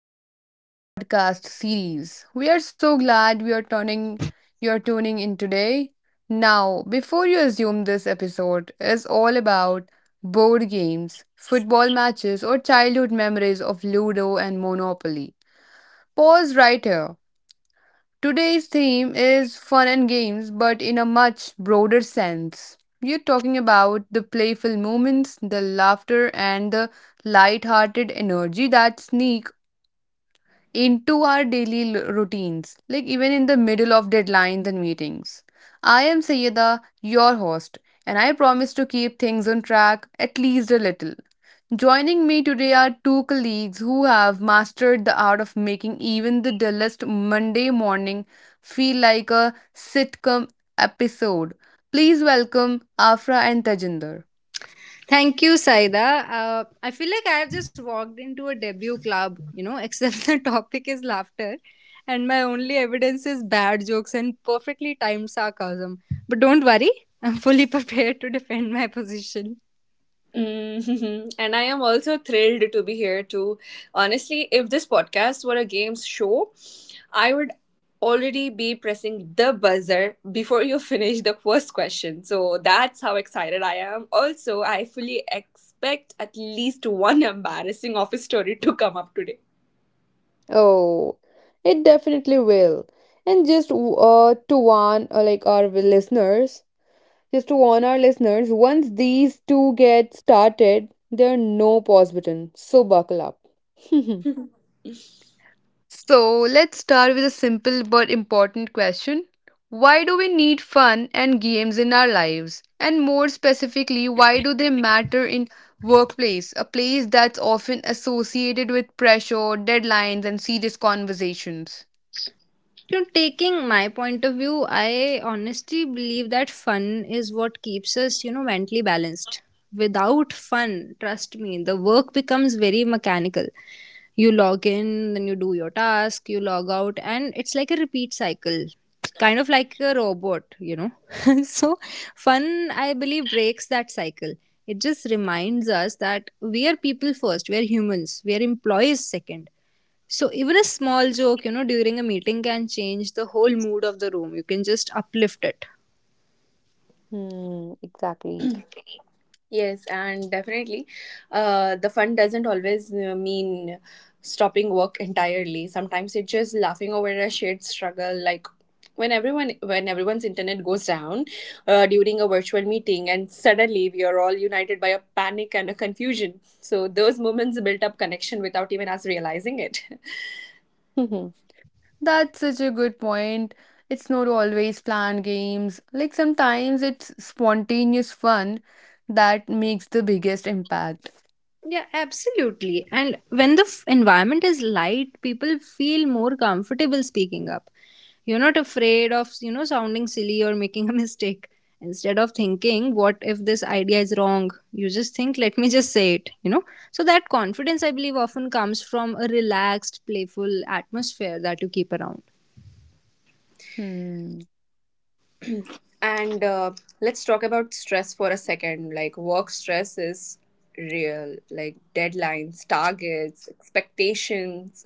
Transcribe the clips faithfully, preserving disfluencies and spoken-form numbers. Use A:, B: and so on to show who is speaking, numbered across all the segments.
A: our podcast series. We are so glad we are turning you're tuning in today. Now, before you assume this episode is all about board games, football matches, or childhood memories of Ludo and Monopoly, pause right here. Today's theme is fun and games, but in a much broader sense. We're talking about the playful moments, the laughter, and the light-hearted energy that sneak into our daily l- routines, like even in the middle of deadlines and meetings. I am Sayeda, your host, and I promise to keep things on track, at least a little. Joining me today are two colleagues who have mastered the art of making even the dullest Monday morning feel like a sitcom episode. Please welcome Afra and Tajinder.
B: Thank you, Saida. Uh, I feel like I have just walked into a debut club, you know, except the topic is laughter. And my only evidence is bad jokes and perfectly timed sarcasm. But don't worry, I'm fully prepared to defend my position.
C: Mhm. And I am also thrilled to be here too. Honestly, if this podcast were a games show, I would already be pressing the buzzer before you finish the first question. So that's how excited I am. Also, I fully expect at least one embarrassing office story to come up today.
A: Oh, it definitely will. And just uh, to warn uh, like our listeners, Just to warn our listeners, once these two get started, there are no pause button. So buckle up. so let's start with a simple but important question. Why do we need fun and games in our lives? And more specifically, why do they matter in workplace, a place that's often associated with pressure, deadlines, and serious conversations?
B: You know, taking my point of view, I honestly believe that fun is what keeps us, you know, mentally balanced. Without fun, trust me, the work becomes very mechanical. You log in, then you do your task, you log out, and it's like a repeat cycle. It's kind of like a robot, you know. So, fun, I believe, breaks that cycle. It just reminds us that we are people first, we are humans, we are employees second, so even a small joke, you know, during a meeting can change the whole mood of the room. You can just uplift it.
A: Hmm, exactly.
C: Yes, and definitely, uh, the fun doesn't always uh, mean stopping work entirely. Sometimes it's just laughing over a shared struggle, like when everyone when everyone's internet goes down uh, during a virtual meeting, and suddenly we are all united by a panic and a confusion. So those moments built up connection without even us realizing it.
A: That's such a good point. It's not always planned games. Like sometimes it's spontaneous fun that makes the biggest impact.
B: Yeah, absolutely. And when the f- environment is light, people feel more comfortable speaking up. You're not afraid of, you know, sounding silly or making a mistake. Instead of thinking, what if this idea is wrong? You just think, let me just say it, you know? So that confidence, I believe, often comes from a relaxed, playful atmosphere that you keep around.
A: Hmm.
C: and uh, let's talk about stress for a second. Like work stress is real, like deadlines, targets, expectations.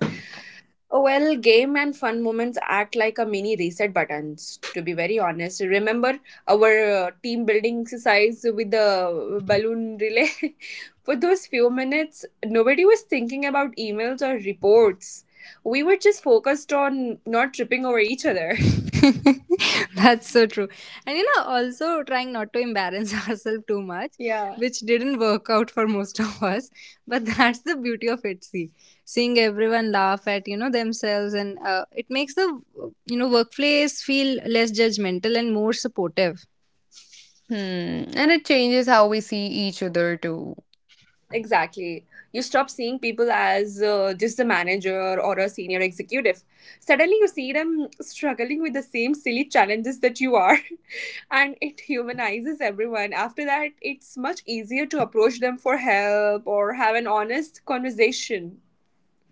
C: Oh, well, game and fun moments act like a mini reset buttons, to be very honest. Remember our uh, team building exercise with the balloon relay? For those few minutes, nobody was thinking about emails or reports. We were just focused on not tripping over each other.
B: That's so true. And you know, also trying not to embarrass ourselves too much,
C: Yeah,
B: which didn't work out for most of us. But that's the beauty of it. See, seeing everyone laugh at, you know, themselves, and uh, it makes the, you know, workplace feel less judgmental and more supportive.
A: Hmm. And it changes how we see each other too.
C: exactly. You stop seeing people as uh, just a manager or a senior executive. Suddenly, you see them struggling with the same silly challenges that you are. And it humanizes everyone. After that, it's much easier to approach them for help or have an honest conversation.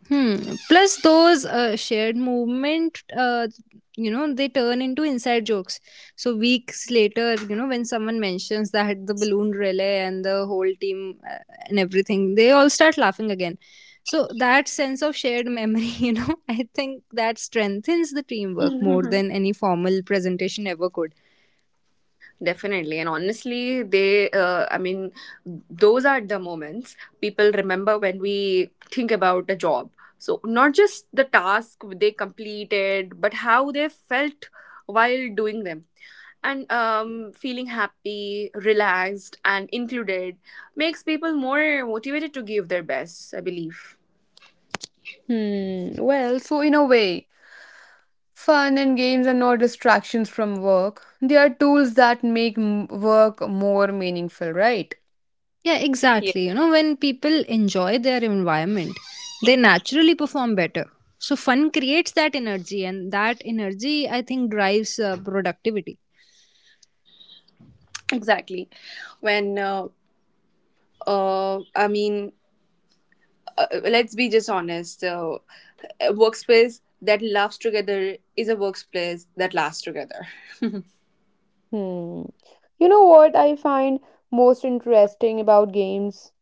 B: Hmm. Plus, those uh, shared movement, uh, you know, they turn into inside jokes. So weeks later, you know, when someone mentions that the balloon relay and the whole team uh, and everything, they all start laughing again. So that sense of shared memory, you know, I think that strengthens the teamwork more than any formal presentation ever could.
C: Definitely. And honestly, they, uh, I mean, those are the moments people remember when we think about a job. So, not just the task they completed, but how they felt while doing them. And um, feeling happy, relaxed, and included makes people more motivated to give their best, I believe.
A: Hmm. Well, so in a way, fun and games are not distractions from work. They are tools that make m- work more meaningful, right?
B: Yeah,
C: Yeah.
B: exactly. You know, when people enjoy their environment, they naturally perform better. So, fun creates that energy, and that energy, I think, drives uh, productivity.
C: Exactly. When, uh, uh, I mean, uh, let's be just honest. So, a workspace that loves together is a workplace that lasts together.
A: Hmm. You know what I find most interesting about games?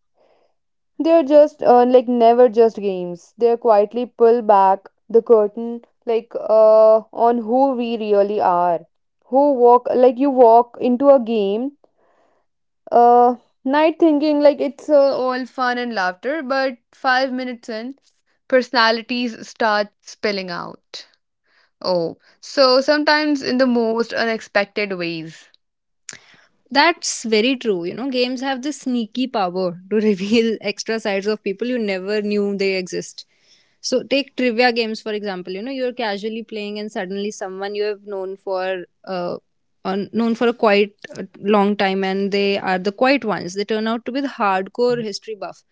A: They're just uh, like never just games. They're quietly pull back the curtain, like uh on who we really are. Who walk like You walk into a game uh night, thinking like it's uh, all fun and laughter, but five minutes in, personalities start spilling out. Oh, so sometimes in the most unexpected ways.
B: That's very true. You know, games have this sneaky power to reveal extra sides of people you never knew they exist. So, take trivia games, for example. You know, you're casually playing, and suddenly someone you have known for uh, on, known for a quite uh, long time, and they are the quiet ones. They turn out to be the hardcore history buff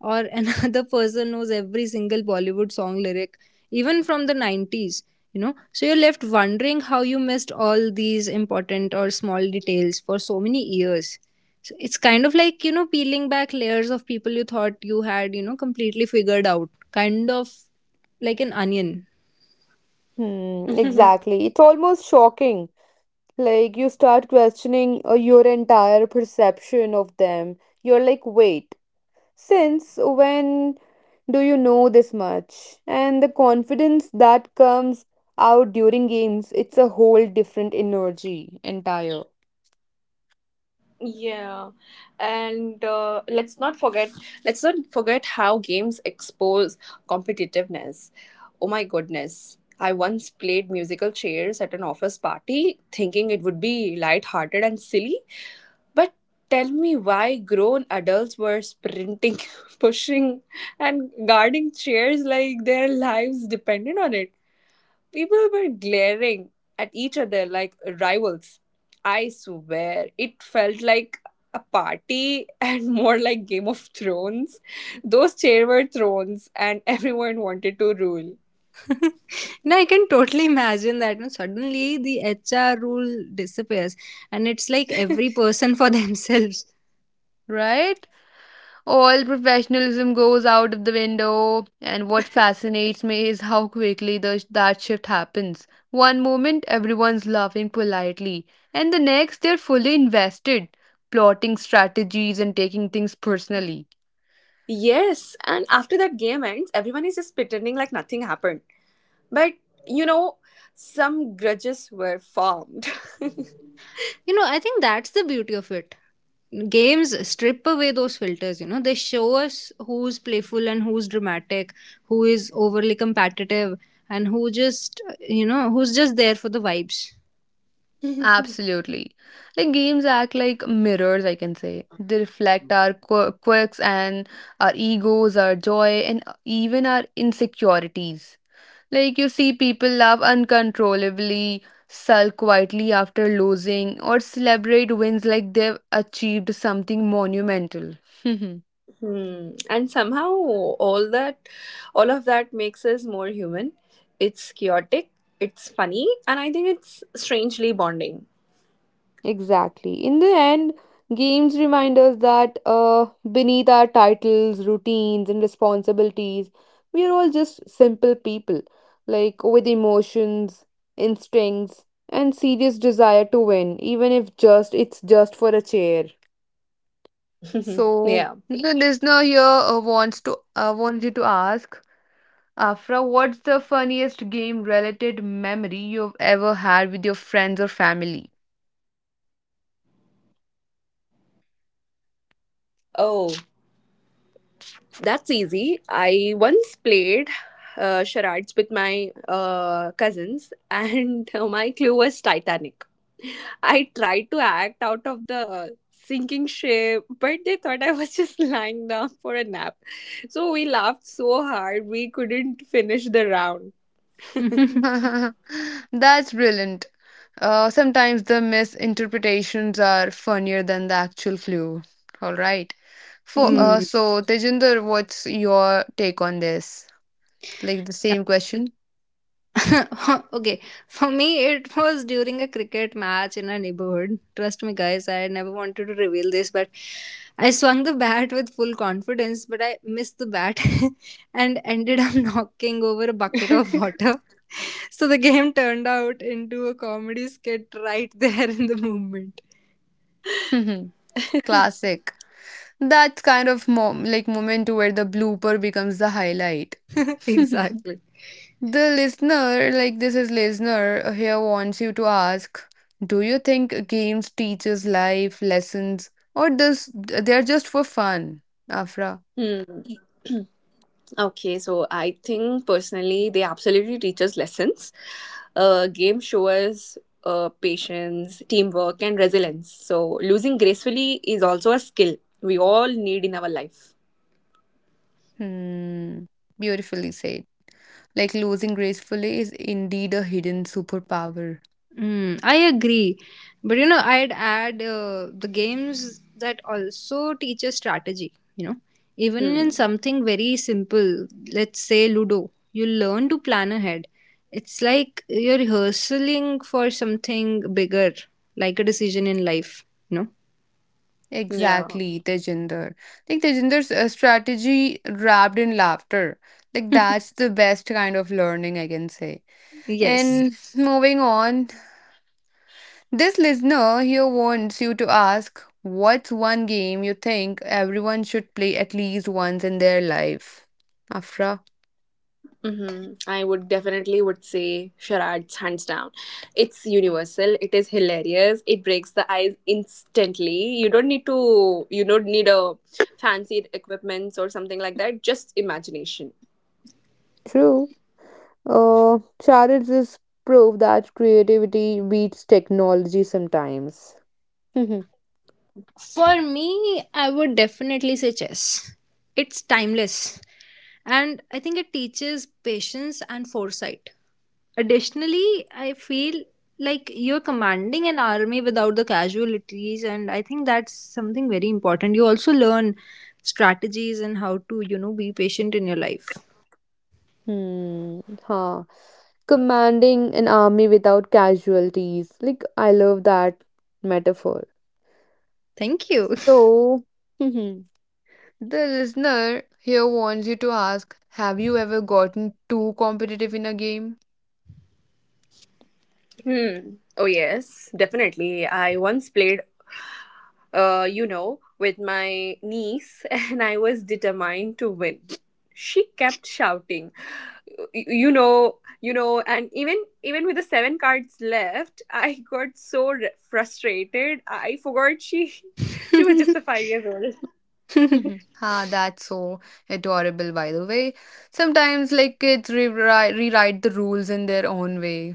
B: or another person knows every single Bollywood song lyric, even from the nineties, you know. So you're left wondering how you missed all these important or small details for so many years. So it's kind of like, you know, peeling back layers of people you thought you had, you know, completely figured out. Kind of like an onion.
A: Hmm, exactly. It's almost shocking. Like, you start questioning uh, your entire perception of them. You're like, wait, since when do you know this much? And the confidence that comes out during games, it's a whole different energy entire,
C: Yeah, and uh, let's not forget let's not forget how games expose competitiveness. Oh my goodness. I once played musical chairs at an office party thinking it would be light-hearted and silly, but tell me why grown adults were sprinting, pushing and guarding chairs like their lives depended on it. People were glaring at each other like rivals. I swear, it felt like a party and more like Game of Thrones. Those chairs were thrones, and everyone wanted to rule.
B: Now I can totally imagine that, you know, suddenly the H R rule disappears and it's like every person for themselves.
A: right? All professionalism goes out of the window, and what fascinates me is how quickly the, that shift happens. One moment, everyone's laughing politely, and the next, they're fully invested, plotting strategies and taking things personally.
C: Yes, and after that game ends, everyone is just pretending like nothing happened. But you know, some grudges were formed.
B: You know, I think that's the beauty of it. Games strip away those filters, you know, they show us who's playful and who's dramatic, who is overly competitive, and who just, you know, who's just there for the vibes.
A: Absolutely. Like, games act like mirrors, I can say. They reflect our qu- quirks and our egos, our joy, and even our insecurities. Like you see people laugh uncontrollably, sulk quietly after losing, or celebrate wins like they've achieved something monumental.
C: Hmm. And somehow all that all of that makes us more human. It's chaotic, it's funny, and I think it's strangely bonding.
A: Exactly. In the end, games remind us that uh, beneath our titles, routines, and responsibilities, we are all just simple people, like with emotions, instincts, and serious desire to win, even if just it's just for a chair. So the
C: Yeah.
A: listener here uh, wants to uh, wants you to ask Afra, what's the funniest game related memory you've ever had with your friends or family?
C: Oh, that's easy. I once played uh, charades with my uh, cousins, and my clue was Titanic. I tried to act out of the sinking ship, but they thought I was just lying down for a nap. So we laughed so hard we couldn't finish the round.
A: That's brilliant. Uh, sometimes the misinterpretations are funnier than the actual clue. All right. For uh,
B: Hmm.
A: so Tejinder, what's your take on this? Like the same question?
B: Okay, for me, it was during a cricket match in our neighborhood. Trust me, guys, I never wanted to reveal this, but I swung the bat with full confidence, but I missed the bat and ended up knocking over a bucket of water. So the game turned out into a comedy skit right there in the moment.
A: Classic. That's kind of mom like moment where the blooper becomes the highlight.
B: Exactly.
A: The listener, like this is listener uh, here wants you to ask, do you think games teaches life lessons or does they're just for fun, Afra?
C: Hmm. Okay, so I think personally they absolutely teach us lessons. Uh, game shows uh, patience, teamwork, and resilience. So losing gracefully is also a skill we all need in our life.
A: Hmm, beautifully said. Like losing gracefully is indeed a hidden superpower.
B: Mm, I agree. But you know, I'd add uh, the games that also teach us strategy, you know. Even in
C: Hmm.
B: something very simple, let's say Ludo, you learn to plan ahead. It's like you're rehearsing for something bigger, like a decision in life, you know.
C: Yeah.
A: Exactly, Tejinder. Like Tejinder's uh, strategy wrapped in laughter. Like that's the best kind of learning I can say.
B: Yes.
A: And moving on, this listener here wants you to ask, what's one game you think everyone should play at least once in their life? Afra.
C: Mm-hmm. I would definitely would say charades hands down. It's universal. It is hilarious. It breaks the ice instantly. You don't need to. You don't need a fancied equipments or something like that. Just imagination.
A: True. Uh, Charles is proof that creativity beats technology sometimes. hmm.
B: For me, I would definitely say chess. It's timeless, and I think it teaches patience and foresight. Additionally, I feel like you're commanding an army without the casualties, and I think that's something very important. You also learn strategies and how to, you know, be patient in your life.
A: Huh. Commanding an army without casualties. Like, I love that metaphor.
B: Thank
A: So, the listener here wants you to ask, have you ever gotten too competitive in a game?
C: Hmm. Oh, yes, definitely. I once played, uh, you know, with my niece, and I was determined to win. She kept shouting, y- you know, you know, and even even with the seven cards left, I got so r- frustrated. I forgot she she was
B: you.
C: just a five years old.
A: Ah, that's so adorable, by the way. Sometimes, like, kids rewrite, rewrite the rules in their own way.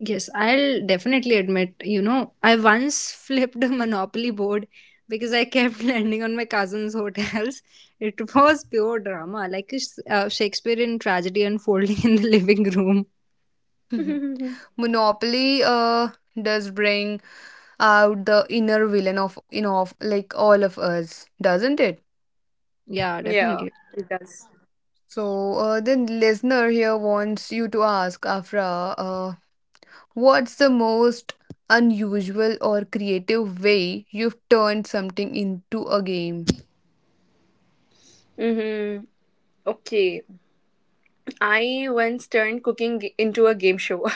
B: Yes, I'll definitely admit, you know, I once flipped a Monopoly board because I kept landing on my cousin's hotels. It was pure drama, like a s- uh, Shakespearean tragedy unfolding in the living room.
A: Monopoly uh, does bring out the inner villain of, you know, of like all of us, doesn't it?
B: Yeah,
C: Yeah,
B: definitely.
C: it does.
A: So, uh, the listener here wants you to ask Afra, uh, what's the most unusual or creative way you've turned something into a game?
C: Mm-hmm. Okay. I once turned cooking g- into a game show.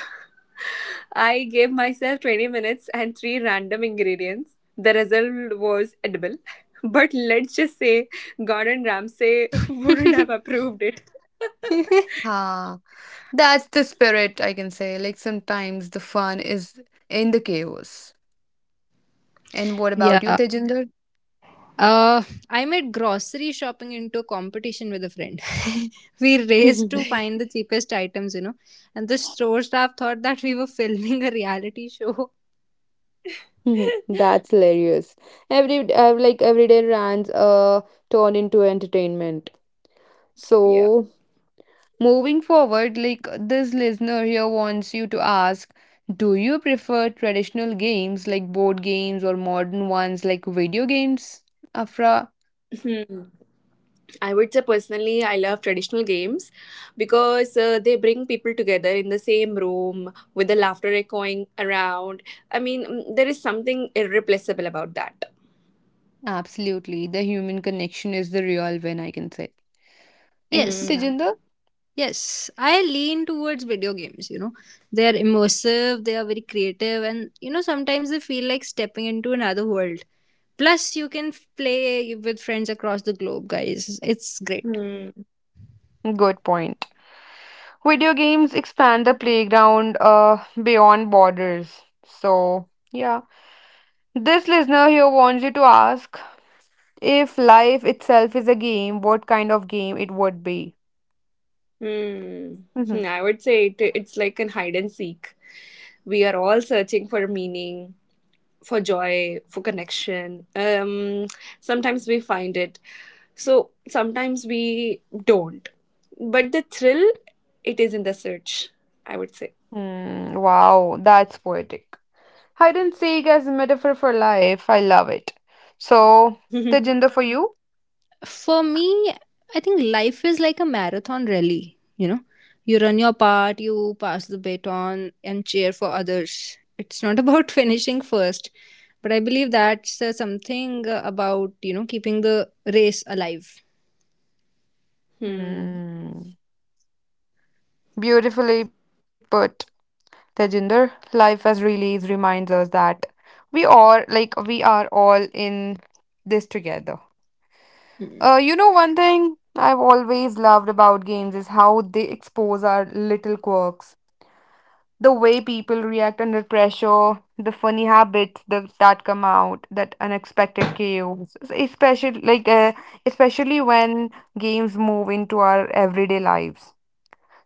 C: I gave myself twenty minutes and three random ingredients. The result was edible. But let's just say Gordon Ramsay wouldn't have approved it.
A: Ah, that's the spirit, I can say. Like sometimes the fun is in the chaos. And what about you,
B: Yeah.
A: Tejinder?
B: Uh, I made grocery shopping into a competition with a friend. We raced to find the cheapest items, you know, and the store staff thought that we were filming a reality show.
A: That's hilarious. Every uh, like everyday rants uh turn into entertainment.
C: Yeah.
A: So moving forward, like this listener here wants you to ask, do you prefer traditional games like board games or modern ones like video games? Afra,
C: Hmm. I would say personally, I love traditional games because uh, they bring people together in the same room with the laughter echoing around. I mean, mm, there is something irreplaceable about that.
A: absolutely. The human connection is the real win, I can say. And you,
B: Yes.
C: Hmm.
A: Tejinder?
B: Yes, I lean towards video games, you know. They are immersive, they are very creative, and you know, sometimes they feel like stepping into another world. Plus, you can f- play with friends across the globe, guys. It's great.
C: Hmm.
A: Good point. Video games expand the playground uh, beyond borders. So, yeah. This listener here wants you to ask, if life itself is a game, what kind of game it would be?
C: Hmm. Hmm,
A: Mhm.
C: I would say it, it's like an hide and seek. We are all searching for meaning, for joy, for connection. Um, sometimes we find it, so sometimes we don't. But the thrill, it is in the search, I would say.
A: Hmm, wow, that's poetic. Hide and seek as a metaphor for life. I love it. So, Tejinder, for you?
B: For me, I think life is like a marathon rally, you know. You run your part, you pass the baton, and cheer for others. It's not about finishing first, but I believe that's uh, something uh, about, you know, keeping the race alive.
C: Hmm.
A: Hmm, beautifully put, Tejinder. Life as release reminds us that we are like we are all in this together. Uh,
B: Mm.
A: you know, one thing I've always loved about games is how they expose our little quirks, the way people react under pressure, the funny habits that, that come out, that unexpected chaos, s- especially like uh, especially when games move into our everyday lives.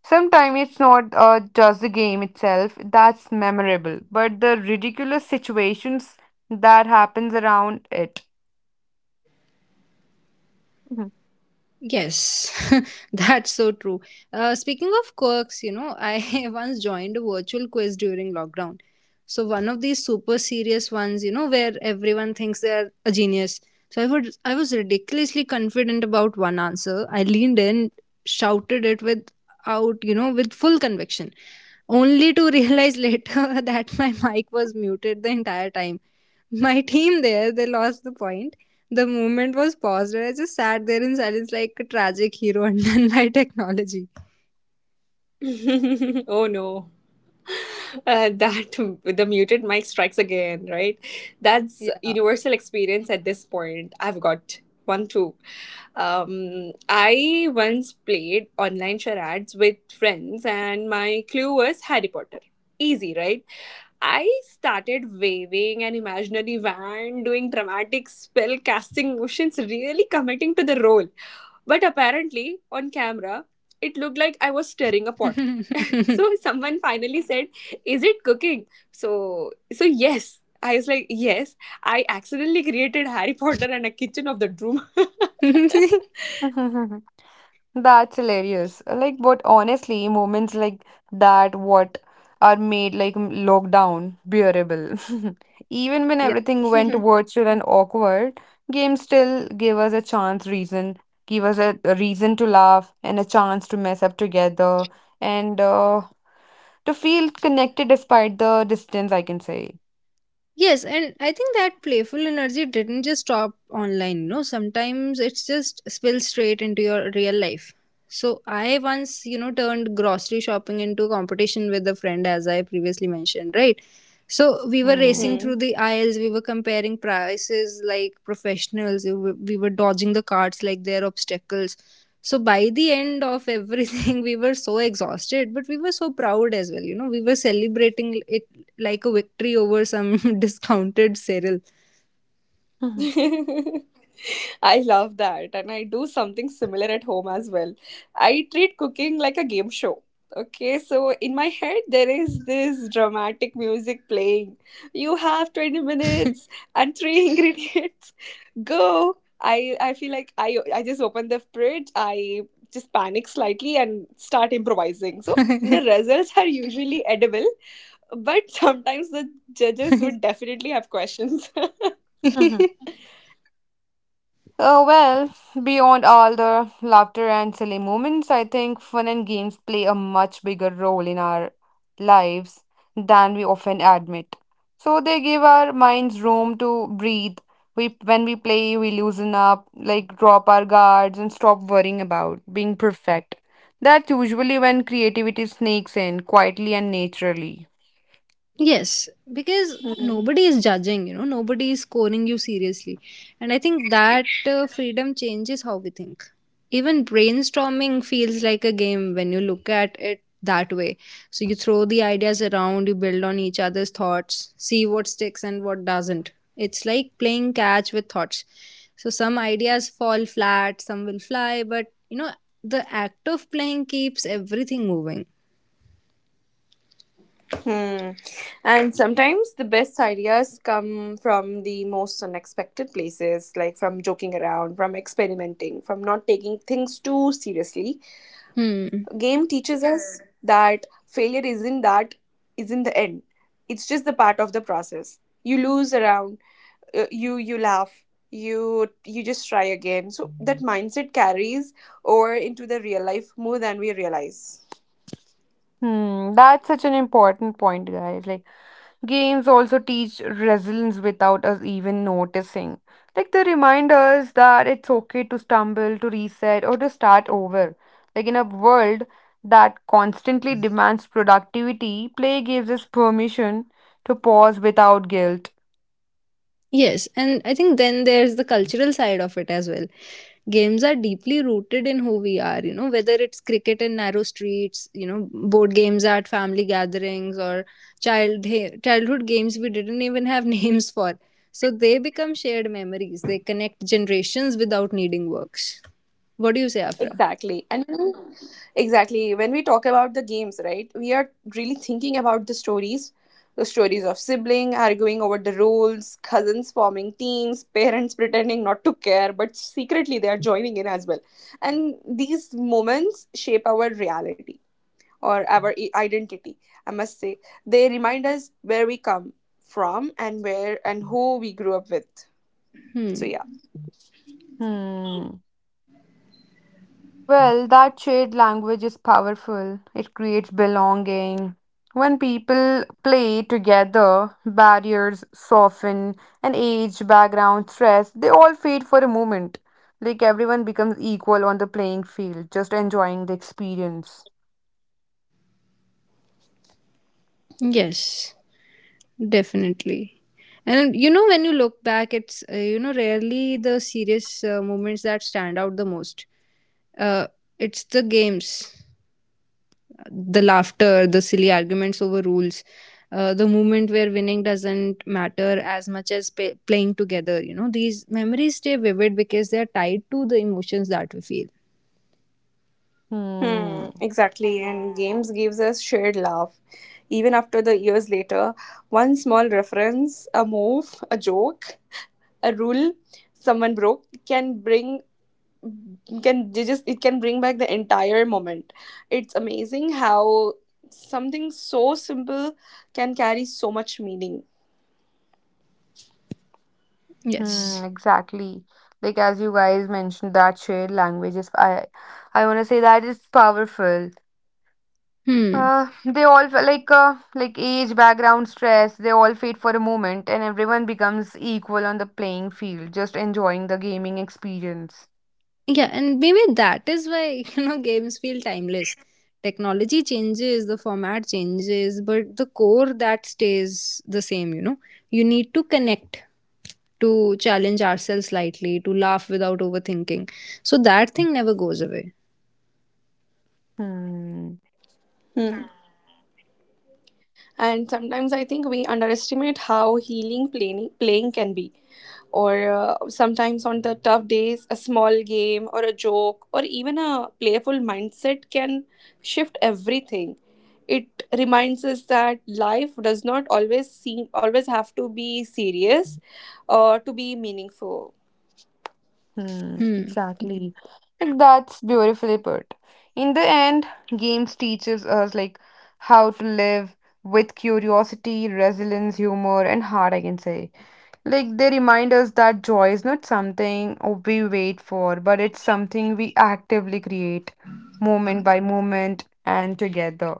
A: Sometimes it's not uh, just the game itself that's memorable, but the ridiculous situations that happens around it.
B: Yes, that's so true. Uh, speaking of quirks, you know, I once joined a virtual quiz during lockdown. So, one of these super serious ones, you know, where everyone thinks they're a genius. So, I, would, I was ridiculously confident about one answer. I leaned in, shouted it without, you know, with full conviction, only to realize later that my mic was muted the entire time. My team there, they lost the point. The movement was paused, and I just sat there in silence like a tragic hero undone by technology.
C: Oh no. Uh, that the muted mic strikes again, right? That's
B: Yeah.
C: universal experience at this point. I've got one too. Um, I once played online charades with friends, and my clue was Harry Potter. Easy, right? I started waving an imaginary wand, doing dramatic spell casting motions, really committing to the role. But apparently, on camera, it looked like I was stirring a pot. So someone finally said, "Is it cooking?" So so yes. I was like, yes, I accidentally created Harry Potter and a kitchen of the room.
A: That's hilarious. Like, but honestly, moments like that, what are made like m- lockdown bearable. Even when
B: Yeah.
A: everything went virtual and awkward, games still gave us a chance, reason, give us a, a reason to laugh and a chance to mess up together and uh, to feel connected despite the distance, I can say.
B: Yes, and I think that playful energy didn't just stop online, you know. Sometimes it's just spills straight into your real life. So I once, you know, turned grocery shopping into a competition with a friend as I previously mentioned, right? So we were racing
A: Hmm.
C: Hmm.
B: through the aisles, we were comparing prices like professionals, we were we were dodging the carts like they're obstacles. So by the end of everything, we were so exhausted, but we were so proud as well. You know, we were celebrating it like a victory over some discounted cereal.
C: I love that. And I do something similar at home as well. I treat cooking like a game show. Okay, so in my head, there is this dramatic music playing. You have twenty minutes and three ingredients. Go. I, I feel like I, I just open the fridge, I just panic slightly and start improvising. So the results are usually edible, but sometimes the judges would definitely have questions.
A: Uh, well, beyond all the laughter and silly moments, I think fun and games play a much bigger role in our lives than we often admit. So they give our minds room to breathe. We, when we play, we loosen up, like drop our guards and stop worrying about being perfect. That's usually when creativity sneaks in quietly and naturally.
B: Yes, because nobody is judging, you know, nobody is scoring you seriously. And I think that uh, freedom changes how we think. Even brainstorming feels like a game when you look at it that way. So you throw the ideas around, you build on each other's thoughts, see what sticks and what doesn't. It's like playing catch with thoughts. So some ideas fall flat, some will fly, but you know, the act of playing keeps everything moving.
C: Hmm. And sometimes the best ideas come from the most unexpected places, like from joking around, from experimenting, from not taking things too seriously.
B: Hmm.
C: Game teaches us that failure isn't that isn't the end. It's just the part of the process. You lose around, uh, you you laugh, you you just try again. So that mindset carries over into the real life more than we realize.
A: Hmm, that's such an important point, guys. Like, games also teach resilience without us even noticing. Like they remind us that it's okay to stumble, to reset, or to start over. Like in a world that constantly demands productivity, play gives us permission to pause without guilt.
B: Yes, and I think then there's the cultural side of it as well. Games are deeply rooted in who we are, you know, whether it's cricket in narrow streets, you know, board games at family gatherings or child childhood games we didn't even have names for. So they become shared memories. They connect generations without needing works. What do you say, Afra?
C: Exactly. And when we- exactly when we talk about the games, right? We are really thinking about the stories, the stories of sibling arguing over the rules, cousins forming teams, parents pretending not to care but secretly they are joining in as well. And these moments shape our reality or our i- identity, I must say. They remind us where we come from and where and who we grew up with.
B: Hmm.
C: So yeah.
A: Hmm. Well, that shared language is powerful. It creates belonging. When people play together, barriers soften, and age, background, stress, they all fade for a moment. Like everyone becomes equal on the playing field, just enjoying the experience.
B: Yes. Definitely. And you know, when you look back, it's, uh, you know, rarely the serious uh, moments that stand out the most. Uh, it's the games, the laughter, the silly arguments over rules, uh, the moment where winning doesn't matter as much as pa playing together. You know, these memories stay vivid because they're tied to the emotions that we feel.
C: Hmm,
A: Hmm.
C: exactly, and games gives us shared laugh. Even after the years later, one small reference, a move, a joke, a rule someone broke can bring can they just it can bring back the entire moment. It's amazing how something so simple can carry so much meaning.
A: Hmm,
B: Yes.
A: exactly. Like as you guys mentioned, that shared language is, I I wanna say, that is powerful.
B: Hmm.
A: Uh, they all fe- like uh, like age, background, stress. They all fade for a moment, and everyone becomes equal on the playing field, just enjoying the gaming experience.
B: Yeah, and maybe that is why, you know, games feel timeless. Technology changes, the format changes, but the core that stays the same, you know. You need to connect to challenge ourselves slightly, to laugh without overthinking. So that thing never goes away.
A: Hmm.
C: Hmm. And sometimes I think we underestimate how healing playing, playing can be. Or uh, Sometimes on the tough days, a small game or a joke or even a playful mindset can shift everything. It reminds us that life does not always seem always have to be serious or to be meaningful.
A: Hmm.
B: Hmm.
A: Exactly. Like that's beautifully put. In the end, games teaches us like how to live with curiosity, resilience, humor, and heart, I can say. Like they remind us that joy is not something we wait for, but it's something we actively create moment by moment and together.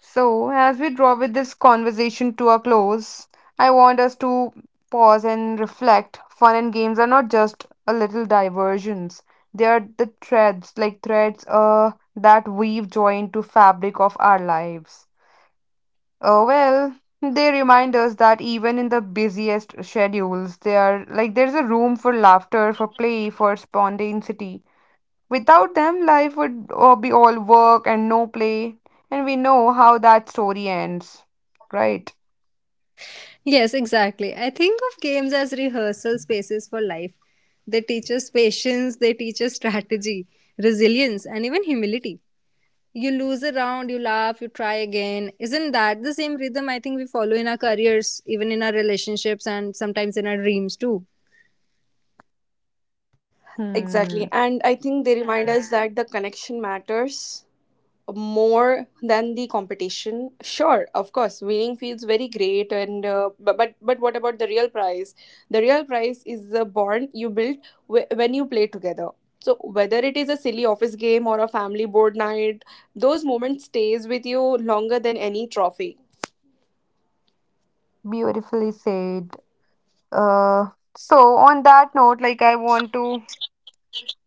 A: So, as we draw with this conversation to a close, I want us to pause and reflect. Fun and games are not just a little diversions. They are the threads, like threads uh, that weave joy into fabric of our lives. Oh, well, they remind us that even in the busiest schedules, they are like there's a room for laughter, for play, for spontaneity. Without them, life would uh, be all work and no play, and we know how that story ends, right?
B: Yes, exactly. I think of games as rehearsal spaces for life. They teach us patience, they teach us strategy, resilience, and even humility. You lose a round, you laugh, you try again. Isn't that the same rhythm I think we follow in our careers, even in our relationships, and sometimes in our dreams too?
C: Exactly.
A: Hmm,
C: And I think they remind us that the connection matters more than the competition. Sure, of course winning feels very great, and uh, but, but but what about the real prize? The real prize is the bond you build wh- when you play together. So whether it is a silly office game or a family board night, those moments stays with you longer than any trophy.
A: beautifully said. Uh, so on that note, like I want to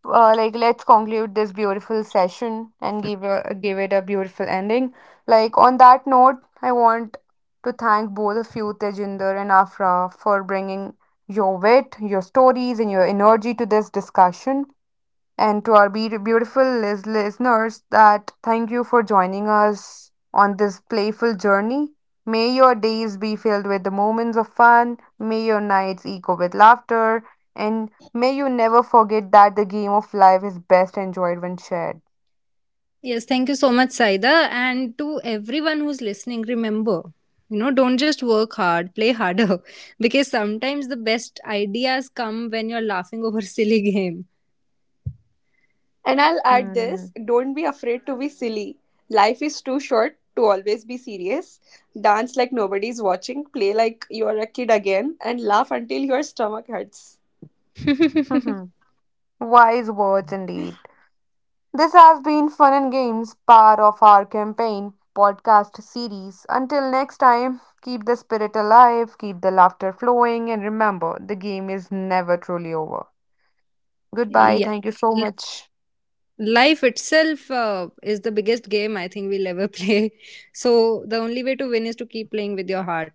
A: uh, like, let's conclude this beautiful session and give a, give it a beautiful ending. Like on that note, I want to thank both of you, Tejinder and Afra, for bringing your wit, your stories, and your energy to this discussion, and to our be- beautiful lis- listeners, that thank you for joining us on this playful journey. May your days be filled with the moments of fun, may your nights echo with laughter, and may you never forget that the game of life is best enjoyed when shared.
B: Yes, thank you so much, Saida. And to everyone who's listening, remember, you know, don't just work hard, play harder. Because sometimes the best ideas come when you're laughing over a silly game.
C: And I'll add
A: Hmm.
C: this: don't be afraid to be silly. Life is too short to always be serious. Dance like nobody's watching, play like you're a kid again, and laugh until your stomach hurts.
A: Wise words indeed. This has been Fun and Games, part of our campaign podcast series. Until next time, keep the spirit alive, keep the laughter flowing, and remember the game is never truly over. Goodbye.
B: Yeah.
A: Thank you so
B: L-
A: Yeah. much.
B: Life itself uh, is the biggest game I think we'll ever play. So the only way to win is to keep playing with your heart.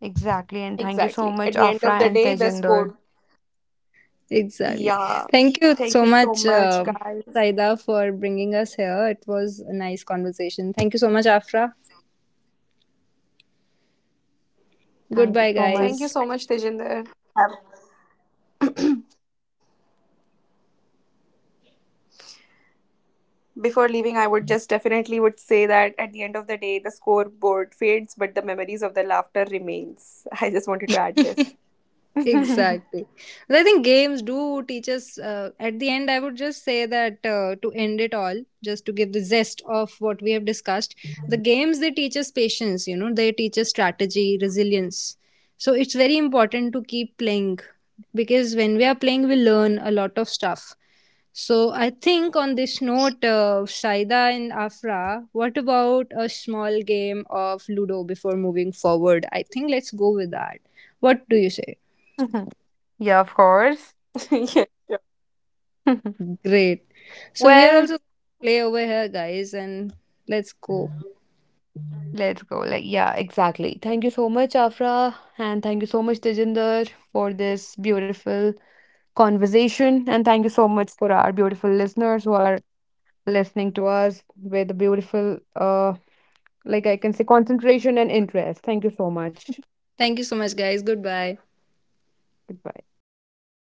A: Exactly. And thank you so
C: Exactly.
A: much,
C: At the end
A: Afra
C: of the
A: and
C: day, the
A: Tejinder.
C: score.
B: Exactly.
C: Yeah.
B: Thank you
C: Thank
B: so
C: you so
B: much,
C: much,
B: uh,
C: guys.
B: Saida, for bringing us here. It was a nice conversation. Thank you so much, Afra.
A: Thank you
B: Goodbye,
C: Thank
A: so
C: you so
A: much.
C: much,
B: guys.
C: Tejinder. Um, Before leaving, I would just definitely would say that at the end of the day, the scoreboard fades, but the memories of the laughter remains. I just wanted to add this.
B: Exactly. And I think games do teach us. Uh, at the end, I would just say that uh, to end it all, just to give the zest of what we have discussed, the games they teach us patience, you know, they teach us strategy, resilience. So it's very important to keep playing because when we are playing, we learn a lot of stuff. So I think on this note, uh, Saida and Afra, what about a small game of Ludo before moving forward? I think let's go with that. What do you say?
A: Yeah, of course.
C: Yeah.
B: Great. So we are
A: Well,
B: also play over here, guys, and let's go.
A: let's go. Like, yeah, exactly. Thank you so much, Afra. And thank you so much, Tejinder, for this beautiful conversation. And thank you so much for our beautiful listeners who are listening to us with beautiful, uh, like I can say, concentration and interest. Thank you so much.
B: Thank you so much, guys. Goodbye.
A: Goodbye.